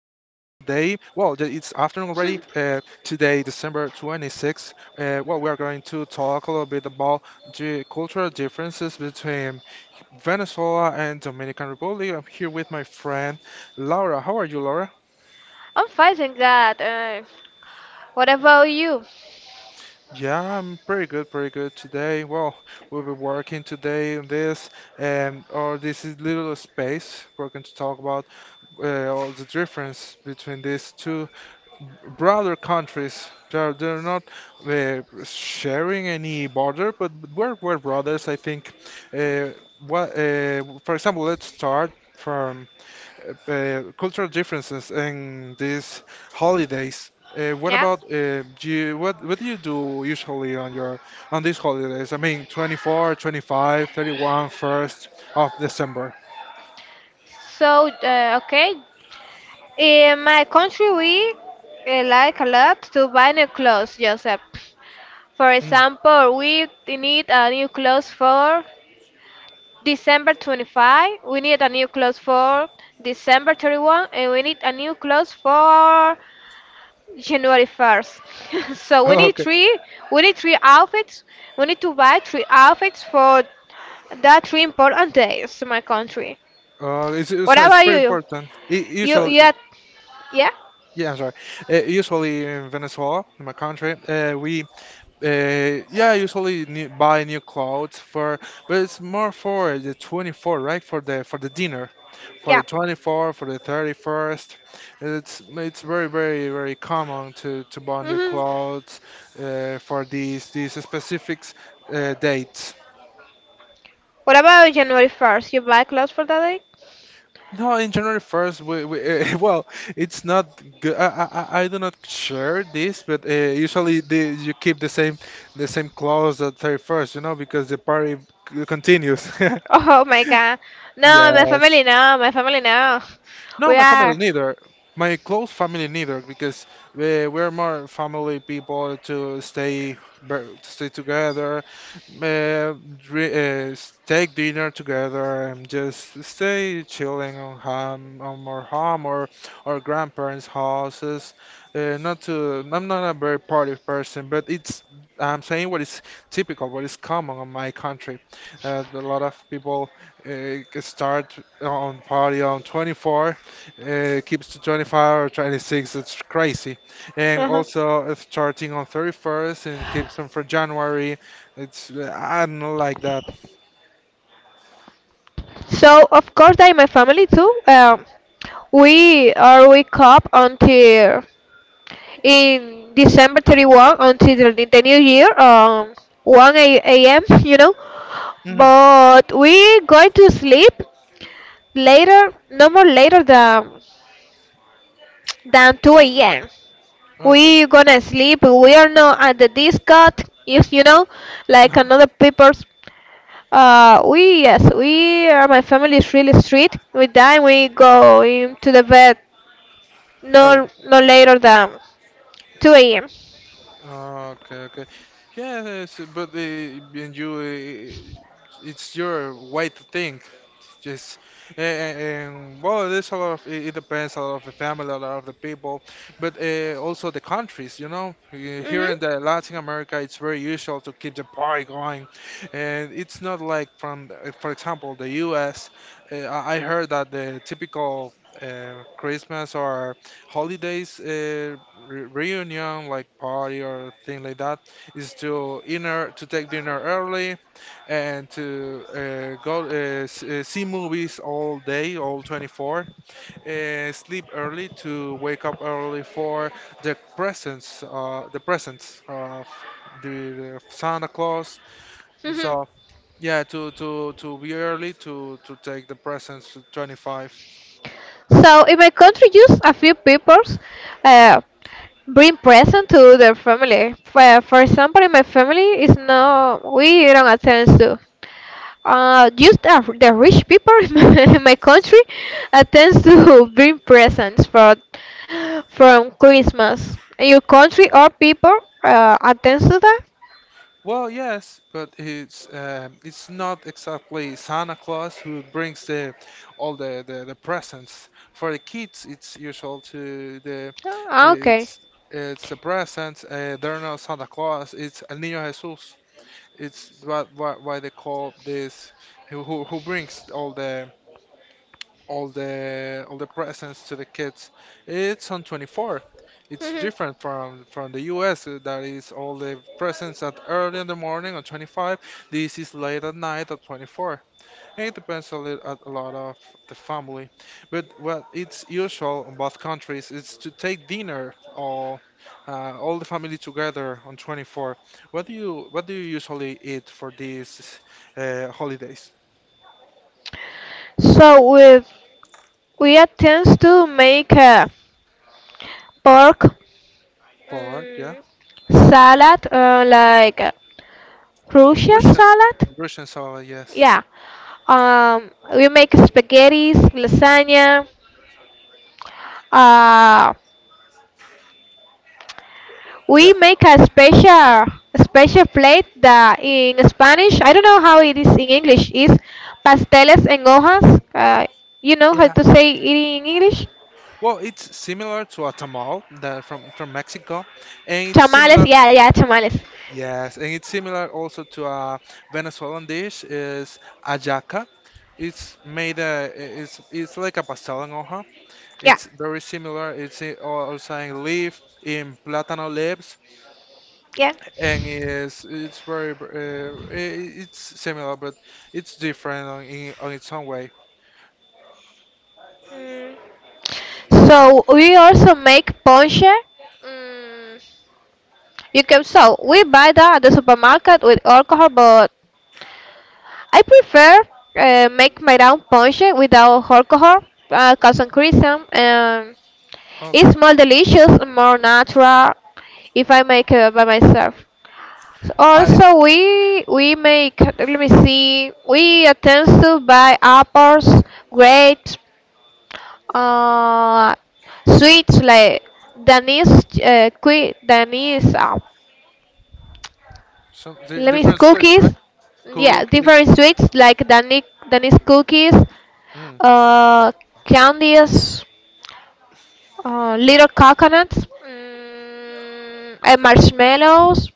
already. Today, December 26th. Well, we are going to talk a little bit about the cultural differences between Venezuela and Dominican Republic. I'm here with my friend Laura. How are you, Laura? I'm fighting that. What about you? Yeah, I'm pretty good, pretty good today. Well, we'll be working today on this, or this is little space. We're going to talk about all the difference between these two brother countries. They're not sharing any border, but we're brothers, I think. Uh, what, for example, let's start from cultural differences in these holidays. What Yeah. about what do you do usually on your on these holidays? I mean, 24, 25, 31, first of December. So, okay. In my country, we like a lot to buy new clothes, Joseph. For Mm. example, we need a new clothes for December 25, we need a new clothes for December 31, and we need a new clothes for January 1st. So we need three outfits. We need to buy three outfits for That's really important days to my country. What So it's about very you? important. I You usually, had, yeah? yeah, I'm sorry. Usually in Venezuela, in my country, we, yeah, usually buy new clothes for, but it's more for the 24, right? For the dinner, for the Yeah. 24, for the 31st. It's very very very common to buy new Hmm. clothes, for these specific dates. What about January 1st? You buy clothes for that day? No, in January 1st, well, it's not good. I do not share this, but usually you keep the same clothes at 31st, because the party continues. Oh my god. No, my Yes. family, no, my family, no. No, We my are. family neither. My close family neither, because we're more family people to stay to stay together, take dinner together, and just stay chilling on home, on our home or our grandparents' houses. Not to, I'm not a very party person, but it's I'm saying what is typical, what is common on my country. A lot of people start on party on 24 keeps to 25 or 26. It's crazy. And Uh-huh. also it's starting on 31st and keeps on for January. It's I don't know like that. So, of course, that in my family too. We are wake up until in December 31 until the new year, 1 a.m., you know. Hmm. But we going to sleep later, no more later than 2 a.m. Okay. We gonna sleep. We are not at the disco, if you know, like No. another people's. We yes, we are. My family is really strict. We die. We go into the bed no Early. no later than 2 a.m. Okay. Okay. Yes, but it's your way to think. Just And well, there's a lot of it depends a lot of the family, a lot of the people, but also the countries. Here Mhm. in the Latin America, it's very usual to keep the party going, and it's not like for example, the U.S. I heard that the typical Christmas or holidays re reunion, like party or thing like that, is to take dinner early and to see movies all day, all 24. Sleep early to wake up early for the presence of the Santa Claus. So Mhm. yeah, to be early to take the presents to 25. So in my country, just a few people uh, bring present to their family. For example, in my family, is no we don't attend to. Just the rich people in my country attends to bring presents for from Christmas. In your country or people attends to that? Well, yes, but it's not exactly Santa Claus who brings the all the presents for the kids. Ah, okay. it's it's the presents. They're not Santa Claus. It's El Niño Jesús. It's what why they call this who brings all the presents to the kids. It's on 24. It's Mhm. different from the US. That is all the presents at early in the morning on 25. This is late at night at 24. It depends a little at a lot of the family. But what it's usual in both countries is to take dinner or all the family together on 24. What do you usually eat for these holidays? So we we attend to make pork, Pork, yeah. Mm, salad like crucial Russian salad, Russian salad, yes. yeah, we make spaghetti lasagna, uh Yeah, we make a special plate that in Spanish I don't know how it is in English is pasteles en hojas, you know how yeah. to say it in English? Well, it's similar to a tamal that from Mexico, and it's Tamales, similar. yeah, yeah, tamales. Yes, and it's similar also to a Venezuelan dish is ajaca. It's made uh, it's like a pastel en hoja. Yeah, It's very similar. Also in plátano leaves, yeah. and it's very b- I- it's similar, but it's different in on its own way. Mm. So we also make ponche. Mm, you can so we buy that at the supermarket with alcohol, but I prefer make my own ponche without alcohol, cause increase and it's Okay, more delicious, more natural if I make it by myself. So I also, we make. Let me see. We attempt to buy apples, grapes, Uh, sweets like Danish, Danish, some let me different sweets, cookies. right? Yeah, Cookies, different yeah. sweets like Danish, Danish cookies, Mm. uh, candies, little coconuts, and marshmallows.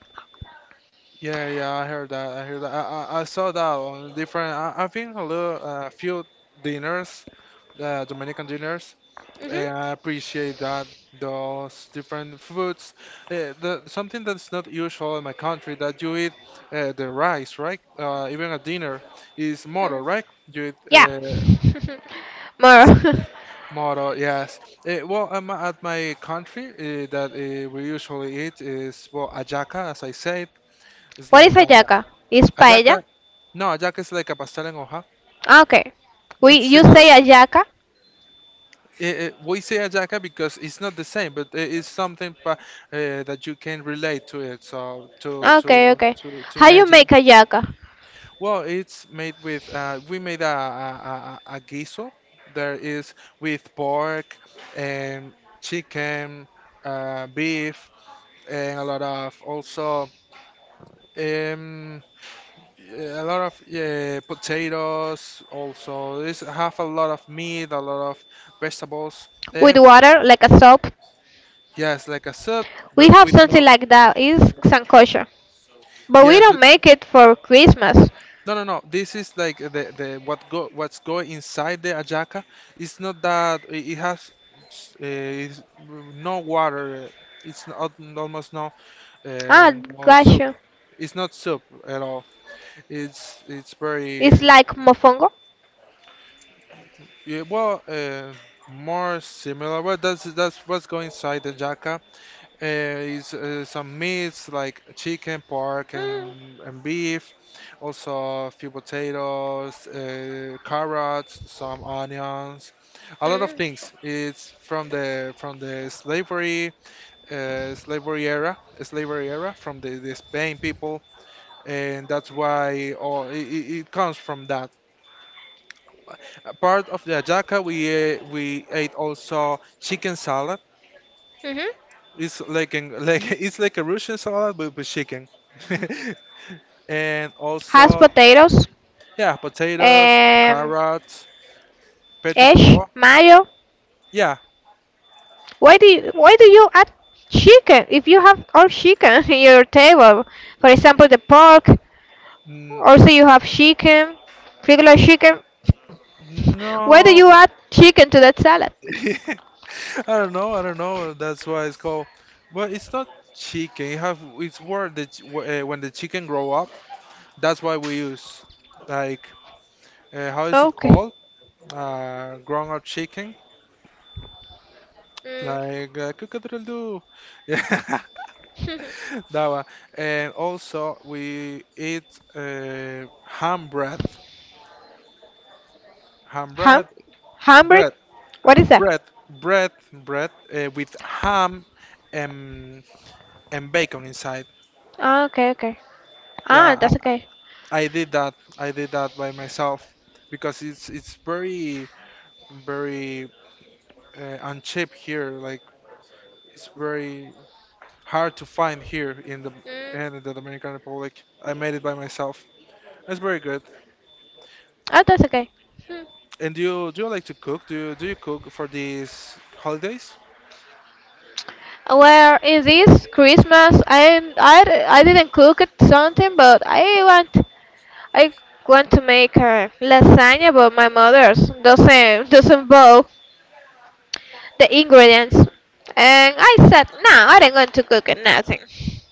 Yeah, yeah, I heard that. I heard that. I saw that on different. I've been a few dinners, Dominican dinners, Hmm. and I appreciate that those different foods. Something that's not usual in my country that you eat the rice, right? Even a dinner is moro, right? You eat Yeah. More. It's moro, yes. Well, at my country, that we usually eat is well ajaca, as I said. It's What is like a. ayaca? Is paella? Ajaca. No, Ajaka is like a pastel en hoja. Okay. We It's you similar. say ayaca? We say Ajaka because it's not the same, but it is something pa that you can relate to it. So to Okay, to okay. to to How you make imagine. ayaca? Well, it's made with we made a guiso. There is with pork and chicken, beef, and a lot of also um, yeah, a lot of potatoes also. This have a lot of meat, a lot of vegetables. With Um, water like a soap. yes, like a soup, We but have with something no. like that. It's sancocho, but we Yes, don't but make it for Christmas. no, no, no. This is like the what's going inside the ajaca. It's not that it has it's no water. It's not, almost no Ah, no soup. gotcha. It's not soup at all. It's It's very. like mofongo. Yeah, well, more similar. Well, that's what's going inside the jaca. Is some meats like chicken, pork, Mm. and beef. Also, a few potatoes, carrots, some onions, a lot of Mm. things. It's from the slavery slavery era from the Spain people, and that's why all it comes from that. A part of the ajaca we ate also chicken salad. Hmm. It's like an Like it's like a Russian salad but with chicken. And Has also, potatoes, yeah, potatoes, um, carrots, petit ash, pois, mayo. yeah. Why do you add chicken if you have all chicken in your table? For example, the pork. n- Also, you have chicken, regular chicken. Why do no. you add chicken to that salad? I don't know that's why it's called, but it's not chicken you have. It's where the ch- wh- When the chicken grow up, that's why we use, like, how is it Okay. called, grown up chicken. Like cockatoo, yeah, that one. And also we eat uh, ham bread, ham Ham? bread, Hamburg? bread, uh, What is that? bread, with ham and and bacon inside. Ah, okay, okay. Ah, Yeah, that's okay. I did that. I did that by myself because it's very very uncheap here. Like it's very hard to find here Mm. in the Dominican Republic. I made it by myself. That's very good. Ah, that's okay. Hmm. And do you like to cook? Do you cook for these holidays? Well, it is Christmas. I didn't cook it something, but I want to make a lasagna, but my mother's doesn't doesn't bow the ingredients, and I said no, I didn't want to cook it, nothing.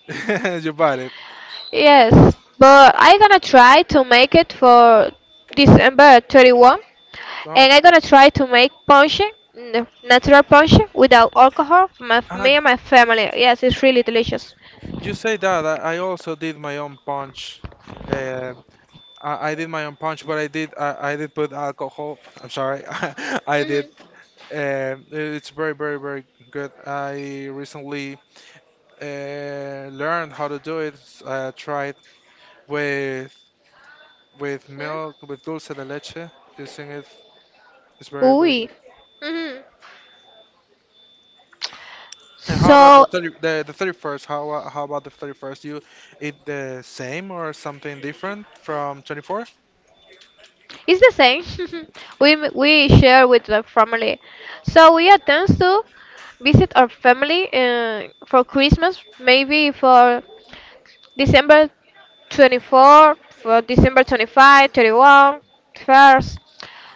You bought it. Yes, but I gonna try to make it for December 31, Oh, and I totally. gonna try to make ponche, natural ponche without alcohol for Ah, me and my family. Yes, it's really delicious. you say that. I also did my own punch. Um, I did my own punch, but I did put alcohol. I'm sorry. I did. Mhm. It's very very very good. I recently learned how to do it. Tried with with Mhm. milk with dulce de leche. Using it. It's very very Oui. good. Mhm. And how about So the 30, the 31st? How about the 31st? You eat the same or something different from 24? it's the same. We share with the family. So we attend to visit our family for Christmas, maybe for December 24, for December 25, 31st, 1st.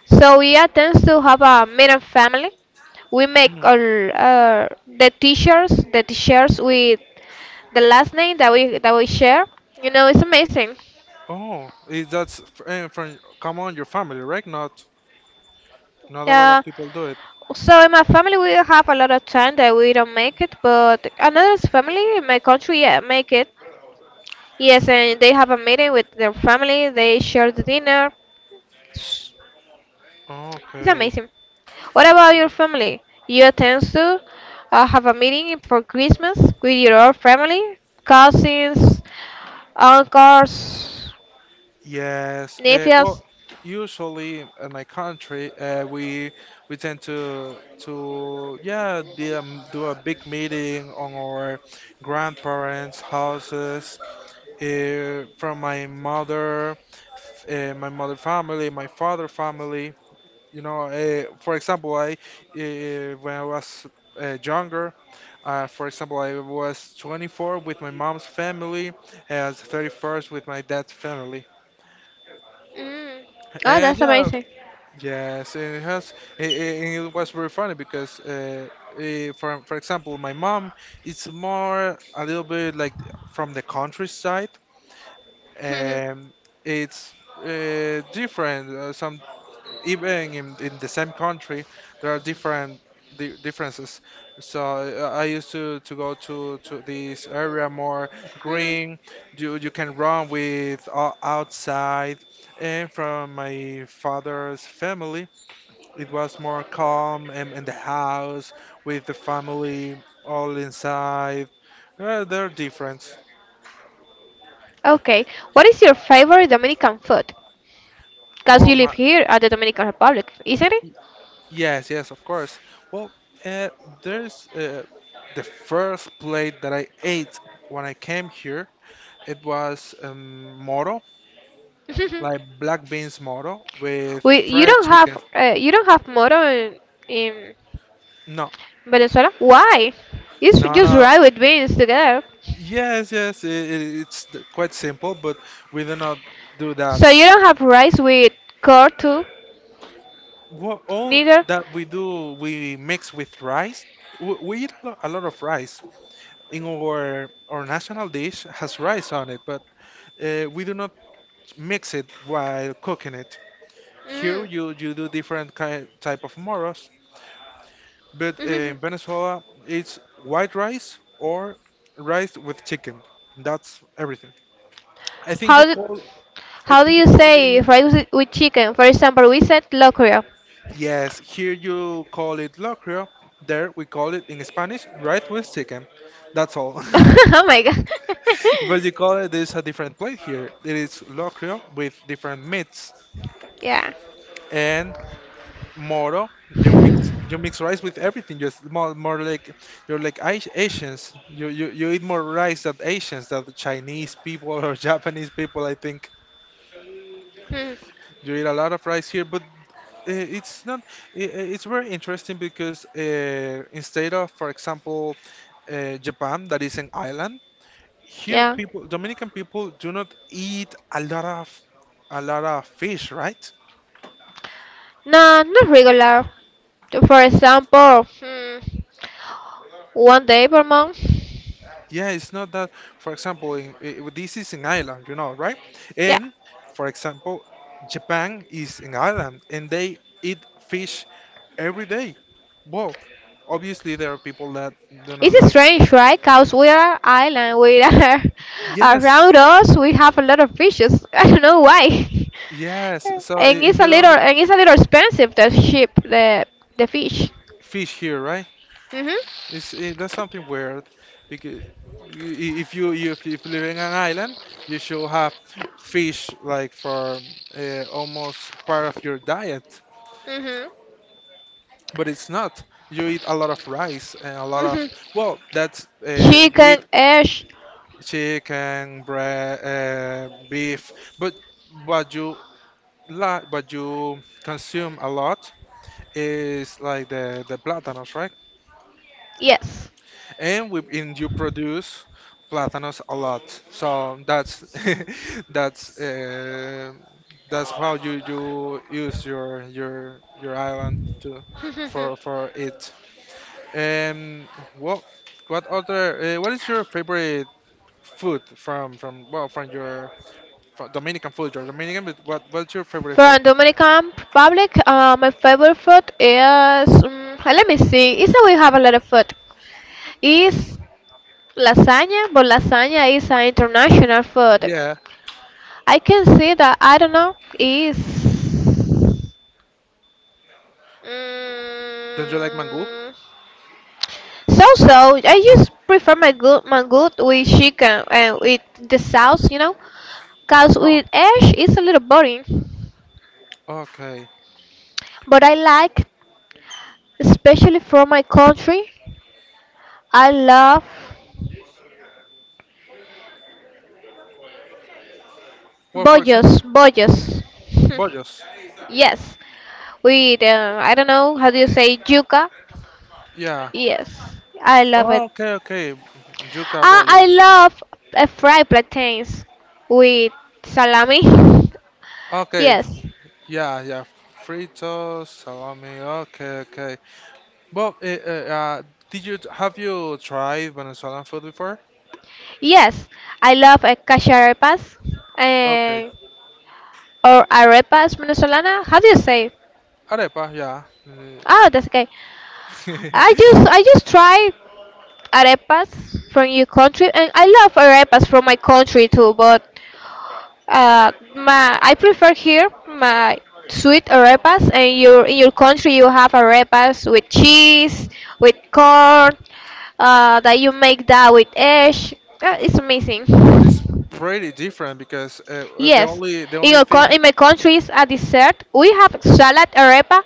So we attend to have a meeting family. We make Mm. all the t-shirts with the last name that we share. You know, it's amazing. Oh, is from come on your family, right? Not a lot Yeah. of people do it. So in my family we have a lot of time that we don't make it, but another family in my country, yeah, make it. Yes, and they have a meeting with their family. They share the dinner. It's Okay. amazing. What about your family? You tend to have a meeting for Christmas with your own family, cousins, uncles, Yes. Well, nephews. usually in my country, we tend to yeah be, do a big meeting on our grandparents' houses. Uh, from my mother, my mother family, my father family. For example, I when I was younger, for example, I was 24 with my mom's family, as 31st with my dad's family, Mm. Oh, and that's yeah, amazing. yes, and it was very funny because. For for example, my mom, it's more a little bit from the countryside, Mhm. and it's different. Some even in the same country there are different differences. So I used to go to this area more Mhm. green. You can run with outside. And from my father's family it was more calm and in the house with the family all inside. They're different. Okay. What is your favorite Dominican food? Because Well you live my here at the Dominican Republic, isn't it? Yes, yes, of course. Well, uh, there's the first plate that I ate when I came here. It was moro, like black beans moro with we fried chicken. You don't have moro in No, Venezuela. Why? It's no, just no. rice with beans together. Yes, yes, I quite simple, but we do not do that. So you don't have rice with curd too? What All Neither? that we do, we mix with rice. We eat a lot of rice. In our national dish has rice on it, but we do not. Mix it while cooking it. Here you, Mm. you do different type of moros, but in Venezuela it's white rice or rice with chicken. That's everything. I think how, you do, call I how do think you you call say it rice with chicken? For example, we said locrio. yes, here you call it locrio. There we call it in Spanish rice with chicken. That's all. Oh my god. But you call it this a different plate here. It is locrio with different meats Yeah. and Moro. You mix rice with everything. Just more like you're like Asians. You eat more rice than Asians, than the Chinese people or Japanese people. I think Hmm. you eat a lot of rice here, but it's not. It's very interesting because instead of, for example, Japan, that is an island, here Yeah. people Dominican people do not eat a lot of fish, right? No, not regular. For example, one day per month. Yeah, it's not that. For example, this is an island, right? Yeah. And for example, Japan is an island, and they eat fish every day. Well, obviously there are people that It's like strange, right? Because we are island, we are yes, around us, we have a lot of fishes. I don't know why. yes. So and it's a you don't little, and it's a little expensive the ship, the fish. fish here, right? Mhm. It's I That's something weird because if you live in an island, you should have fish like for almost part of your diet. Mhm. But it's not. You eat a lot of rice and a lot Mhm. of, well, that's, you Chicken, eat ash. chicken, bread, beef, but what you la what you consume a lot is like the platanos, right? Yes. And you produce platanos a lot. So that's, that's, uh, that's how you use your island to, for it. Um, what what other what is your favorite food from your from Dominican food? You're Dominican, but what's your favorite food? From Dominican Republic, my favorite food is, let me see. It's that we have a lot of food. Is lasagna, but lasagna is an international food. Yeah, I can say that I don't know is don't you like mango? mm, so. I just prefer my good with chicken and with the sauce, you know, cause Oh, with ash it's a little boring. okay. But I like, especially from my country, I love Well, for example, bollos bollos. bollos. Yes, with I don't know how do you say yuca. Yeah. Yes, I love Oh, it. okay, okay. Yuca Ah, I bollos. Love fried plantains with salami. Okay. Yes, Yeah, yeah. Fritos, salami. Okay, okay. Well, did you have you tried Venezuelan food before? yes, I love cacharepas Okay. uh, or arepas venezolana. How do you say? Arepa, yeah. Oh, that's okay. Uh, I just I just try arepas from your country, and I love arepas from my country too. But I prefer here my sweet arepas, and your in your country you have arepas with cheese, with corn, that you make that with eggs. It's amazing. But it's pretty different because the Yes, only thing, in my country is a dessert. We have salad arepa,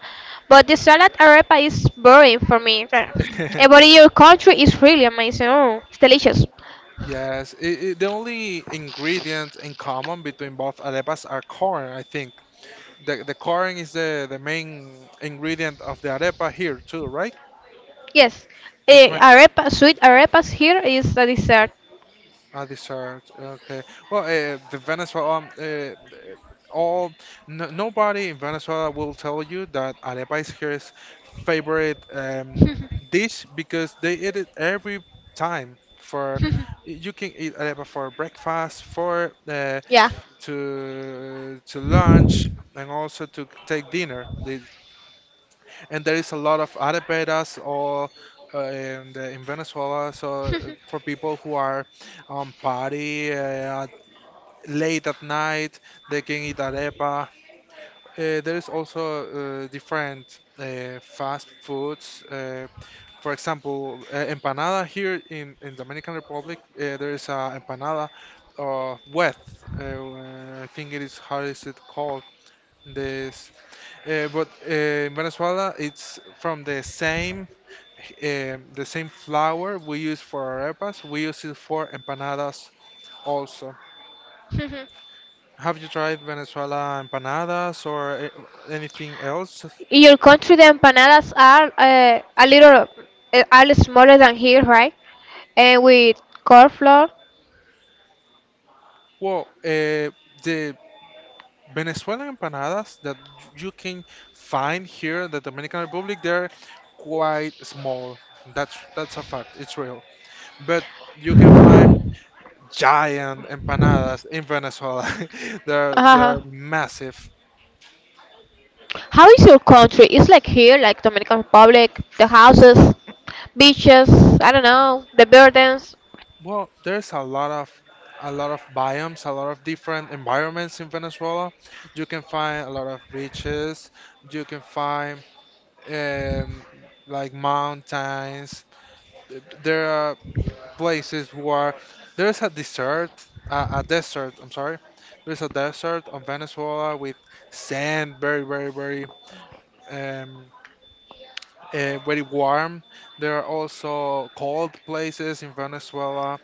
but the salad arepa is boring for me. But in your country is really amazing. Oh, it's delicious. yes, it, the only ingredient in common between both arepas are corn, I think. The corn is the main ingredient of the arepa here too, right? Yes, It's my sweet arepas here is a dessert. I desert. Okay. Well, the Venezuela, all no, nobody in Venezuela will tell you that arepa is his favorite dish because they eat it every time. For you can eat arepa for breakfast, for Yeah. To lunch, and also to take dinner. They, and there is a lot of areperas or in Venezuela. So for people who are on party late at night, they can eat arepa. There is also different fast foods. For example, empanada here in Dominican Republic, there is a empanada wet. I think it is how is it called? This, but in Venezuela, it's from the same flour we use for arepas, we use it for empanadas also. Have you tried Venezuela empanadas or anything else? In your country, the empanadas are a little are smaller than here, right? And with cornflour. Well, the Venezuelan empanadas that you can find here in the Dominican Republic, they're quite small. That's a fact. It's real. But you can find giant empanadas in Venezuela. They're Uh-huh. they're massive. How is your country? It's like here, like Dominican Republic, the houses, beaches. I don't know, the buildings. Well, there's a lot of biomes, a lot of different environments in Venezuela. You can find a lot of beaches. You can find um, like mountains. There are places where there's a desert, a desert. I'm sorry. There's a desert on Venezuela with sand, very, very, very, um, very warm. There are also cold places in Venezuela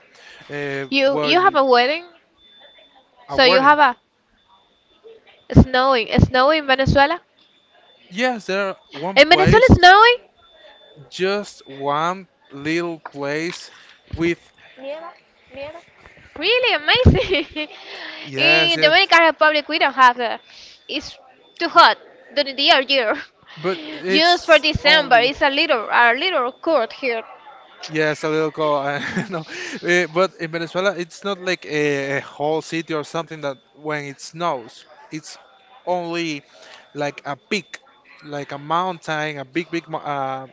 You where you have you, a wedding, a so you have warning a snowing. Is snowing in Venezuela? Yes, there are one In Venezuela, place, it's snowing? just one little place with Really amazing. yes, In yes, Dominican Republic, we don't have that. It's too hot during the year. but Just for it's December, only it's a little cold here. yes, a little call. No, but in Venezuela, it's not like a whole city or something that when it snows, it's only like a peak, like a mountain, a big, big,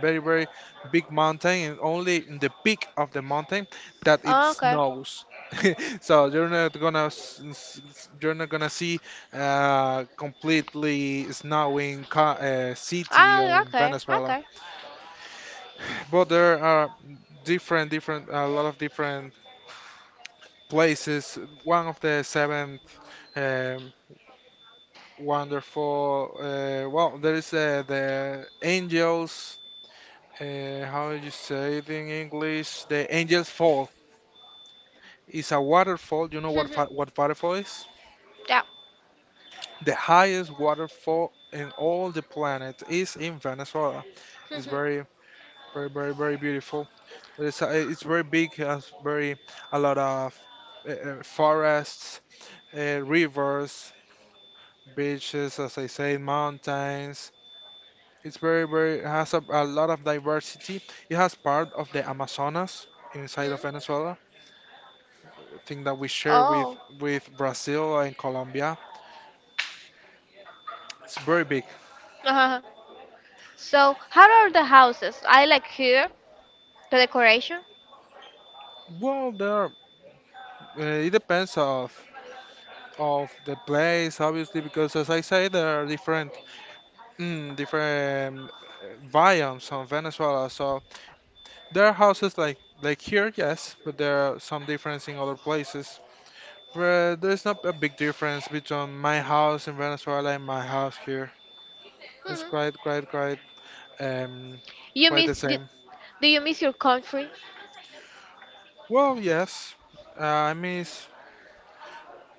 very, very big mountain, and only in the peak of the mountain that it Okay. snows. So you're not gonna, you're not gonna see completely snowing city Ah, in okay, Venezuela. okay. But there are different, different, a lot of different places. One of the seven um, wonderful. Well, there is the angels how you say it in English? The Angel's Fall. It's a waterfall. You know what Mhm. What waterfall is? Yeah. The highest waterfall in all the planet is in Venezuela. It's Hmm. very, very, very, very beautiful. It's very big. Has very a lot of forests, rivers, beaches, as I say, mountains. It's very, very has a lot of diversity. It has part of the Amazonas inside of Venezuela thing that we share with Oh. Brazil and Colombia. It's very big. Uh-huh. So, how are the houses? I like here the decoration. Well, there it depends of the place, obviously, because as I say, there are different different biomes on Venezuela. So there are houses like here, yes, but there are some difference in other places. But there's not a big difference between my house in Venezuela and my house here. It's Mhm. Quite um You quite miss? the same. Do you miss your country? Well, yes, I miss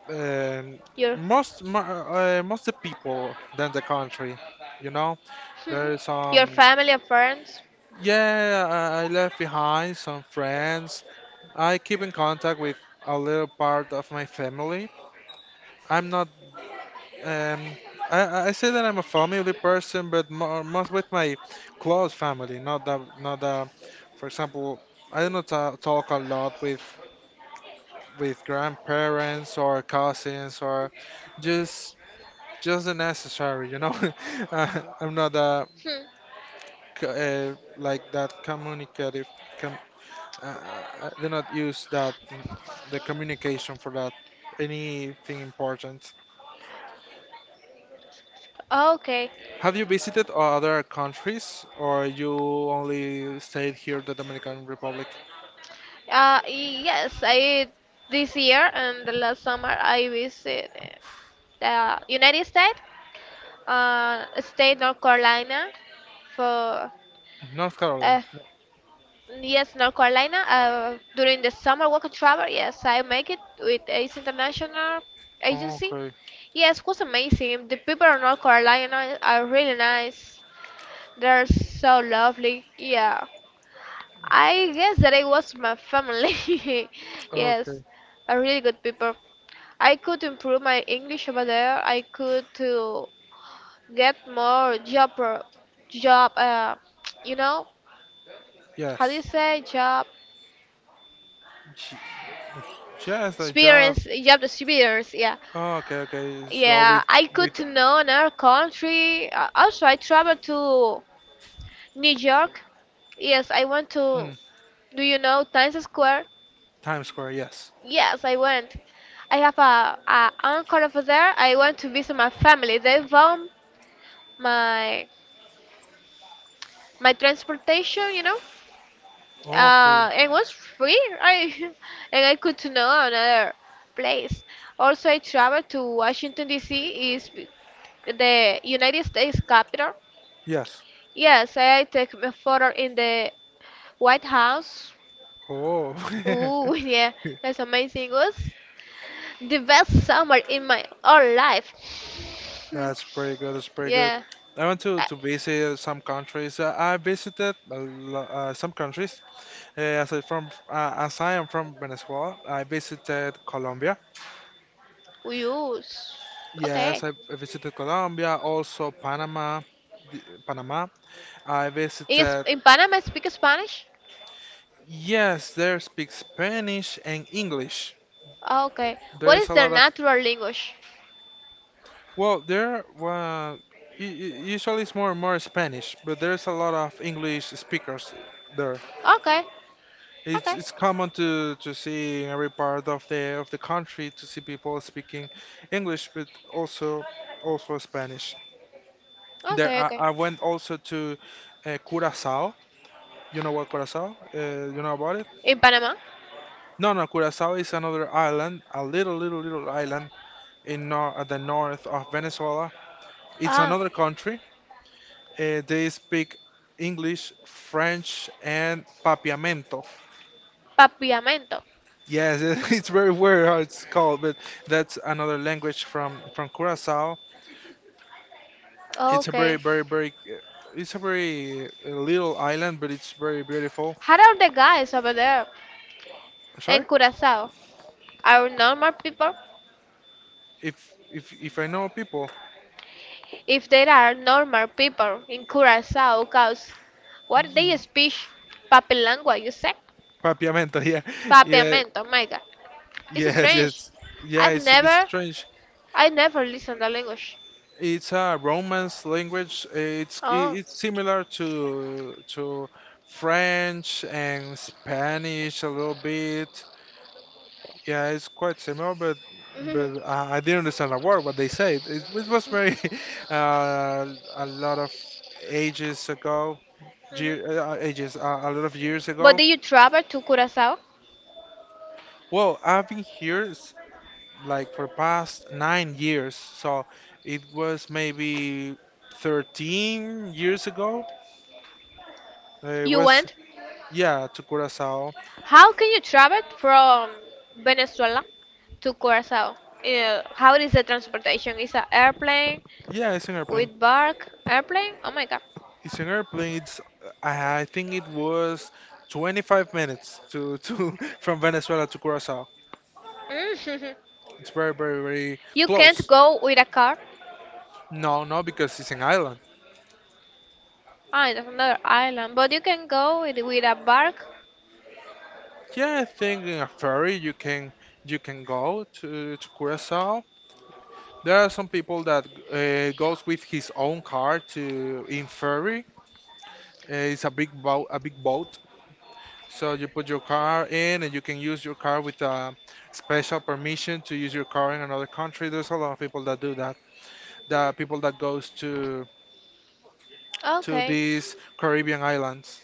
Um, Your most most the people than the country, you know. Mhm. There's Your some family and friends? yeah, I left behind some friends. I keep in contact with a little part of my family. I'm not um I say that I'm a family person, but more most with my close family, not the for example, I do not ta talk a lot with grandparents or cousins or just just the necessary, you know. I'm not Hmm. Like that communicative. Com- uh, uh, I do not use that the communication for that anything important. Okay. Have you visited other countries, or you only stayed here, the Dominican Republic? Yes, I this year and the last summer I visit the United States, state North Carolina for North Carolina. uh, yes, North Carolina during the summer work and travel. Yes, I make it with Ace International Agency. Okay. Yes, it was amazing. The people of North Carolina are really nice. They're so lovely. Yeah. I guess that I was my family. Okay. Yes, are really good people. I could improve my English over there. I could to get more job, job. You know, how do Yes. you say job She- Yes, the job. experience? Job experience. Yeah, Okay. Okay. So yeah. I could with to know another country. Also, I traveled to New York. Yes, I went to. mm, Do you know Times Square? Times Square. Yes. Yes, I went. I have a uncle over there. I went to visit my family. They found my my transportation, Okay. And it was free. I and I could to know another place. Also, I traveled to Washington D.C. is the United States capital. Yes. Yes, I take a photo in the White House. Oh, Ooh, yeah, that's amazing. It was the best summer in my whole life. Hmm, that's pretty good. That's pretty good. yeah. I went Uh, to visit some countries. I visited a lo some countries. As I am from Venezuela, I visited Colombia. Use. Yes, Okay. I visited Colombia. Also Panama, Panama. I In, Sp- visited. in Panama, I speak Spanish? Yes, there speak Spanish and English. Okay. What There's is a their lot of natural language? well, there well, usually it's more Spanish, but there's a lot of English speakers there. Okay. It's Okay. it's common to see in every part of the country to see people speaking English, but also Spanish. There, Okay, okay. I went also to Curacao. You know what Curacao? You know about it? In Panama? No, no. Curacao is another island, a little, little, little island in nor at the north of Venezuela. It's Ah, another country. They speak English, French, and Papiamento. papiamento. Yes, it's very weird how it's called, but that's another language from Curacao. It's a very, Okay. very, very, it's a very little island, but it's very beautiful. How are the guys over there Sorry, in Curacao? Are normal people? if if I know people, If there are normal people in Curacao, cause what they Ye- speak? Papi lengua, you say? Papiamento, yeah, yeah, Papiamento, oh my God. It's yes, strange. yes, yeah. I've It's a bit never, strange. I never listened the language. It's a Romance language. It's Oh. it's similar to French and Spanish a little bit. Yeah, it's quite similar, Mhm, but I didn't understand a word what they said. It was very a lot of ages ago, ge- mhm. Ages a lot of years But ago. did you travel to Curacao? Well, I've been here like for past 9 years, so it was maybe 13 years ago. It You was went? yeah to Curacao. How can you travel from Venezuela to Curacao? How is the transportation? Is a airplane Yeah, it's an airplane. with bark? Airplane? Oh my God. His singer played, I think it was 25 minutes to from Venezuela to Curacao. Mhm. It's very, very, very You can't close. go with a car. No, no, because it's an island. Ah, it's another island, but you can go with a bark. Yeah, I think in a ferry you can go to Curacao. There are some people that goes with his own car to in ferry. It's a big boat, a big boat. So you put your car in, and you can use your car with a special permission to use your car in another country. There's a lot of people that do that. The people that goes to Okay. these Caribbean islands.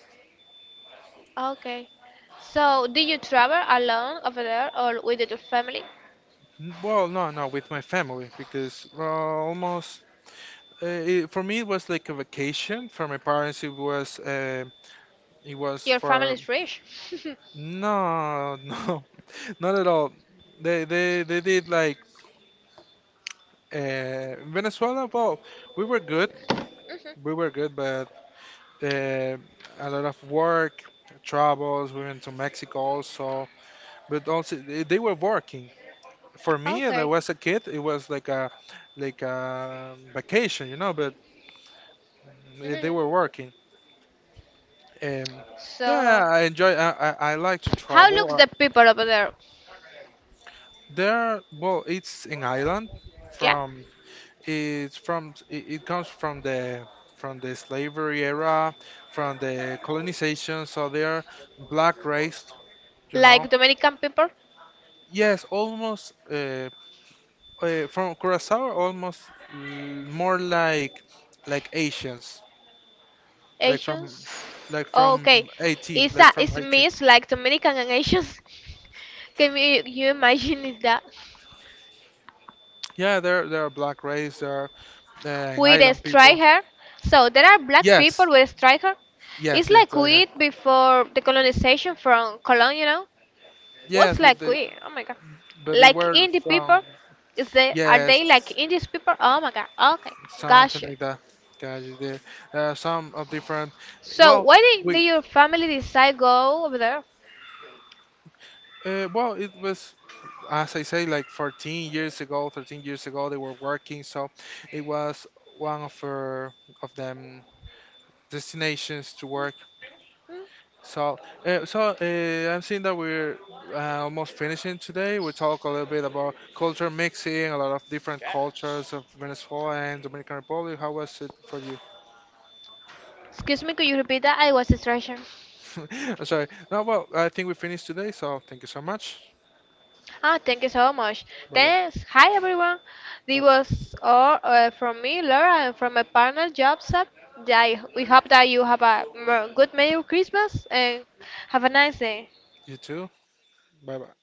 Okay. So, do you travel alone over there or with your family? Well, no, no, with my family because well, almost for me it was like a vacation. For my parents, it was Your family for is rich. no, no, not at all. They did like Venezuela. Well, we were good, we Mhm. were good, but uh, a lot of work, troubles. We went to Mexico also, but also they were working. For me that Okay. was a kid it was like a vacation you know but they were Mhm. working and yeah So, I enjoy I like to how looks travel the people over there? there well it's an island Yeah, from it's from it comes from the slavery era from the colonization so they're black race you know like Dominican people, yes almost from curacao almost more like asians like from Asians. like from Okay, Haiti, it's like a from it's Haiti. mixed like Dominican and Asians. Can you imagine it that Yeah, they're black race, they're uh, with a island people. straight hair? So there are black people Yes, with a straight hair. It's yes, yes, like I heard. wheat before the colonization from Colombia, you know. What's Yes, like we? Oh my god. but they Like were indie from people? Is they are yes, they like indie people? Oh my god. Okay. something Gotcha. like that. God, you did. Some of different. So Well, why did we your family decide go over there? Well it was as I say like 14 years ago, 13 years ago they were working, so it was one of her of them destinations to work Hmm? So, I'm seeing that we're almost finishing today. We talk a little bit about culture mixing, a lot of different cultures of Venezuela and Dominican Republic. How was it for you? Excuse me, could you repeat that? I was distraction. I'm sorry. No, well, I think we finished today. So, thank you so much. Ah, thank you so much. Bye bye. Thanks. Hi everyone. This Uh, was all from me, Laura, and from my partner, job set. We hope that you have a good Merry Christmas and have a nice day. you too. Bye bye.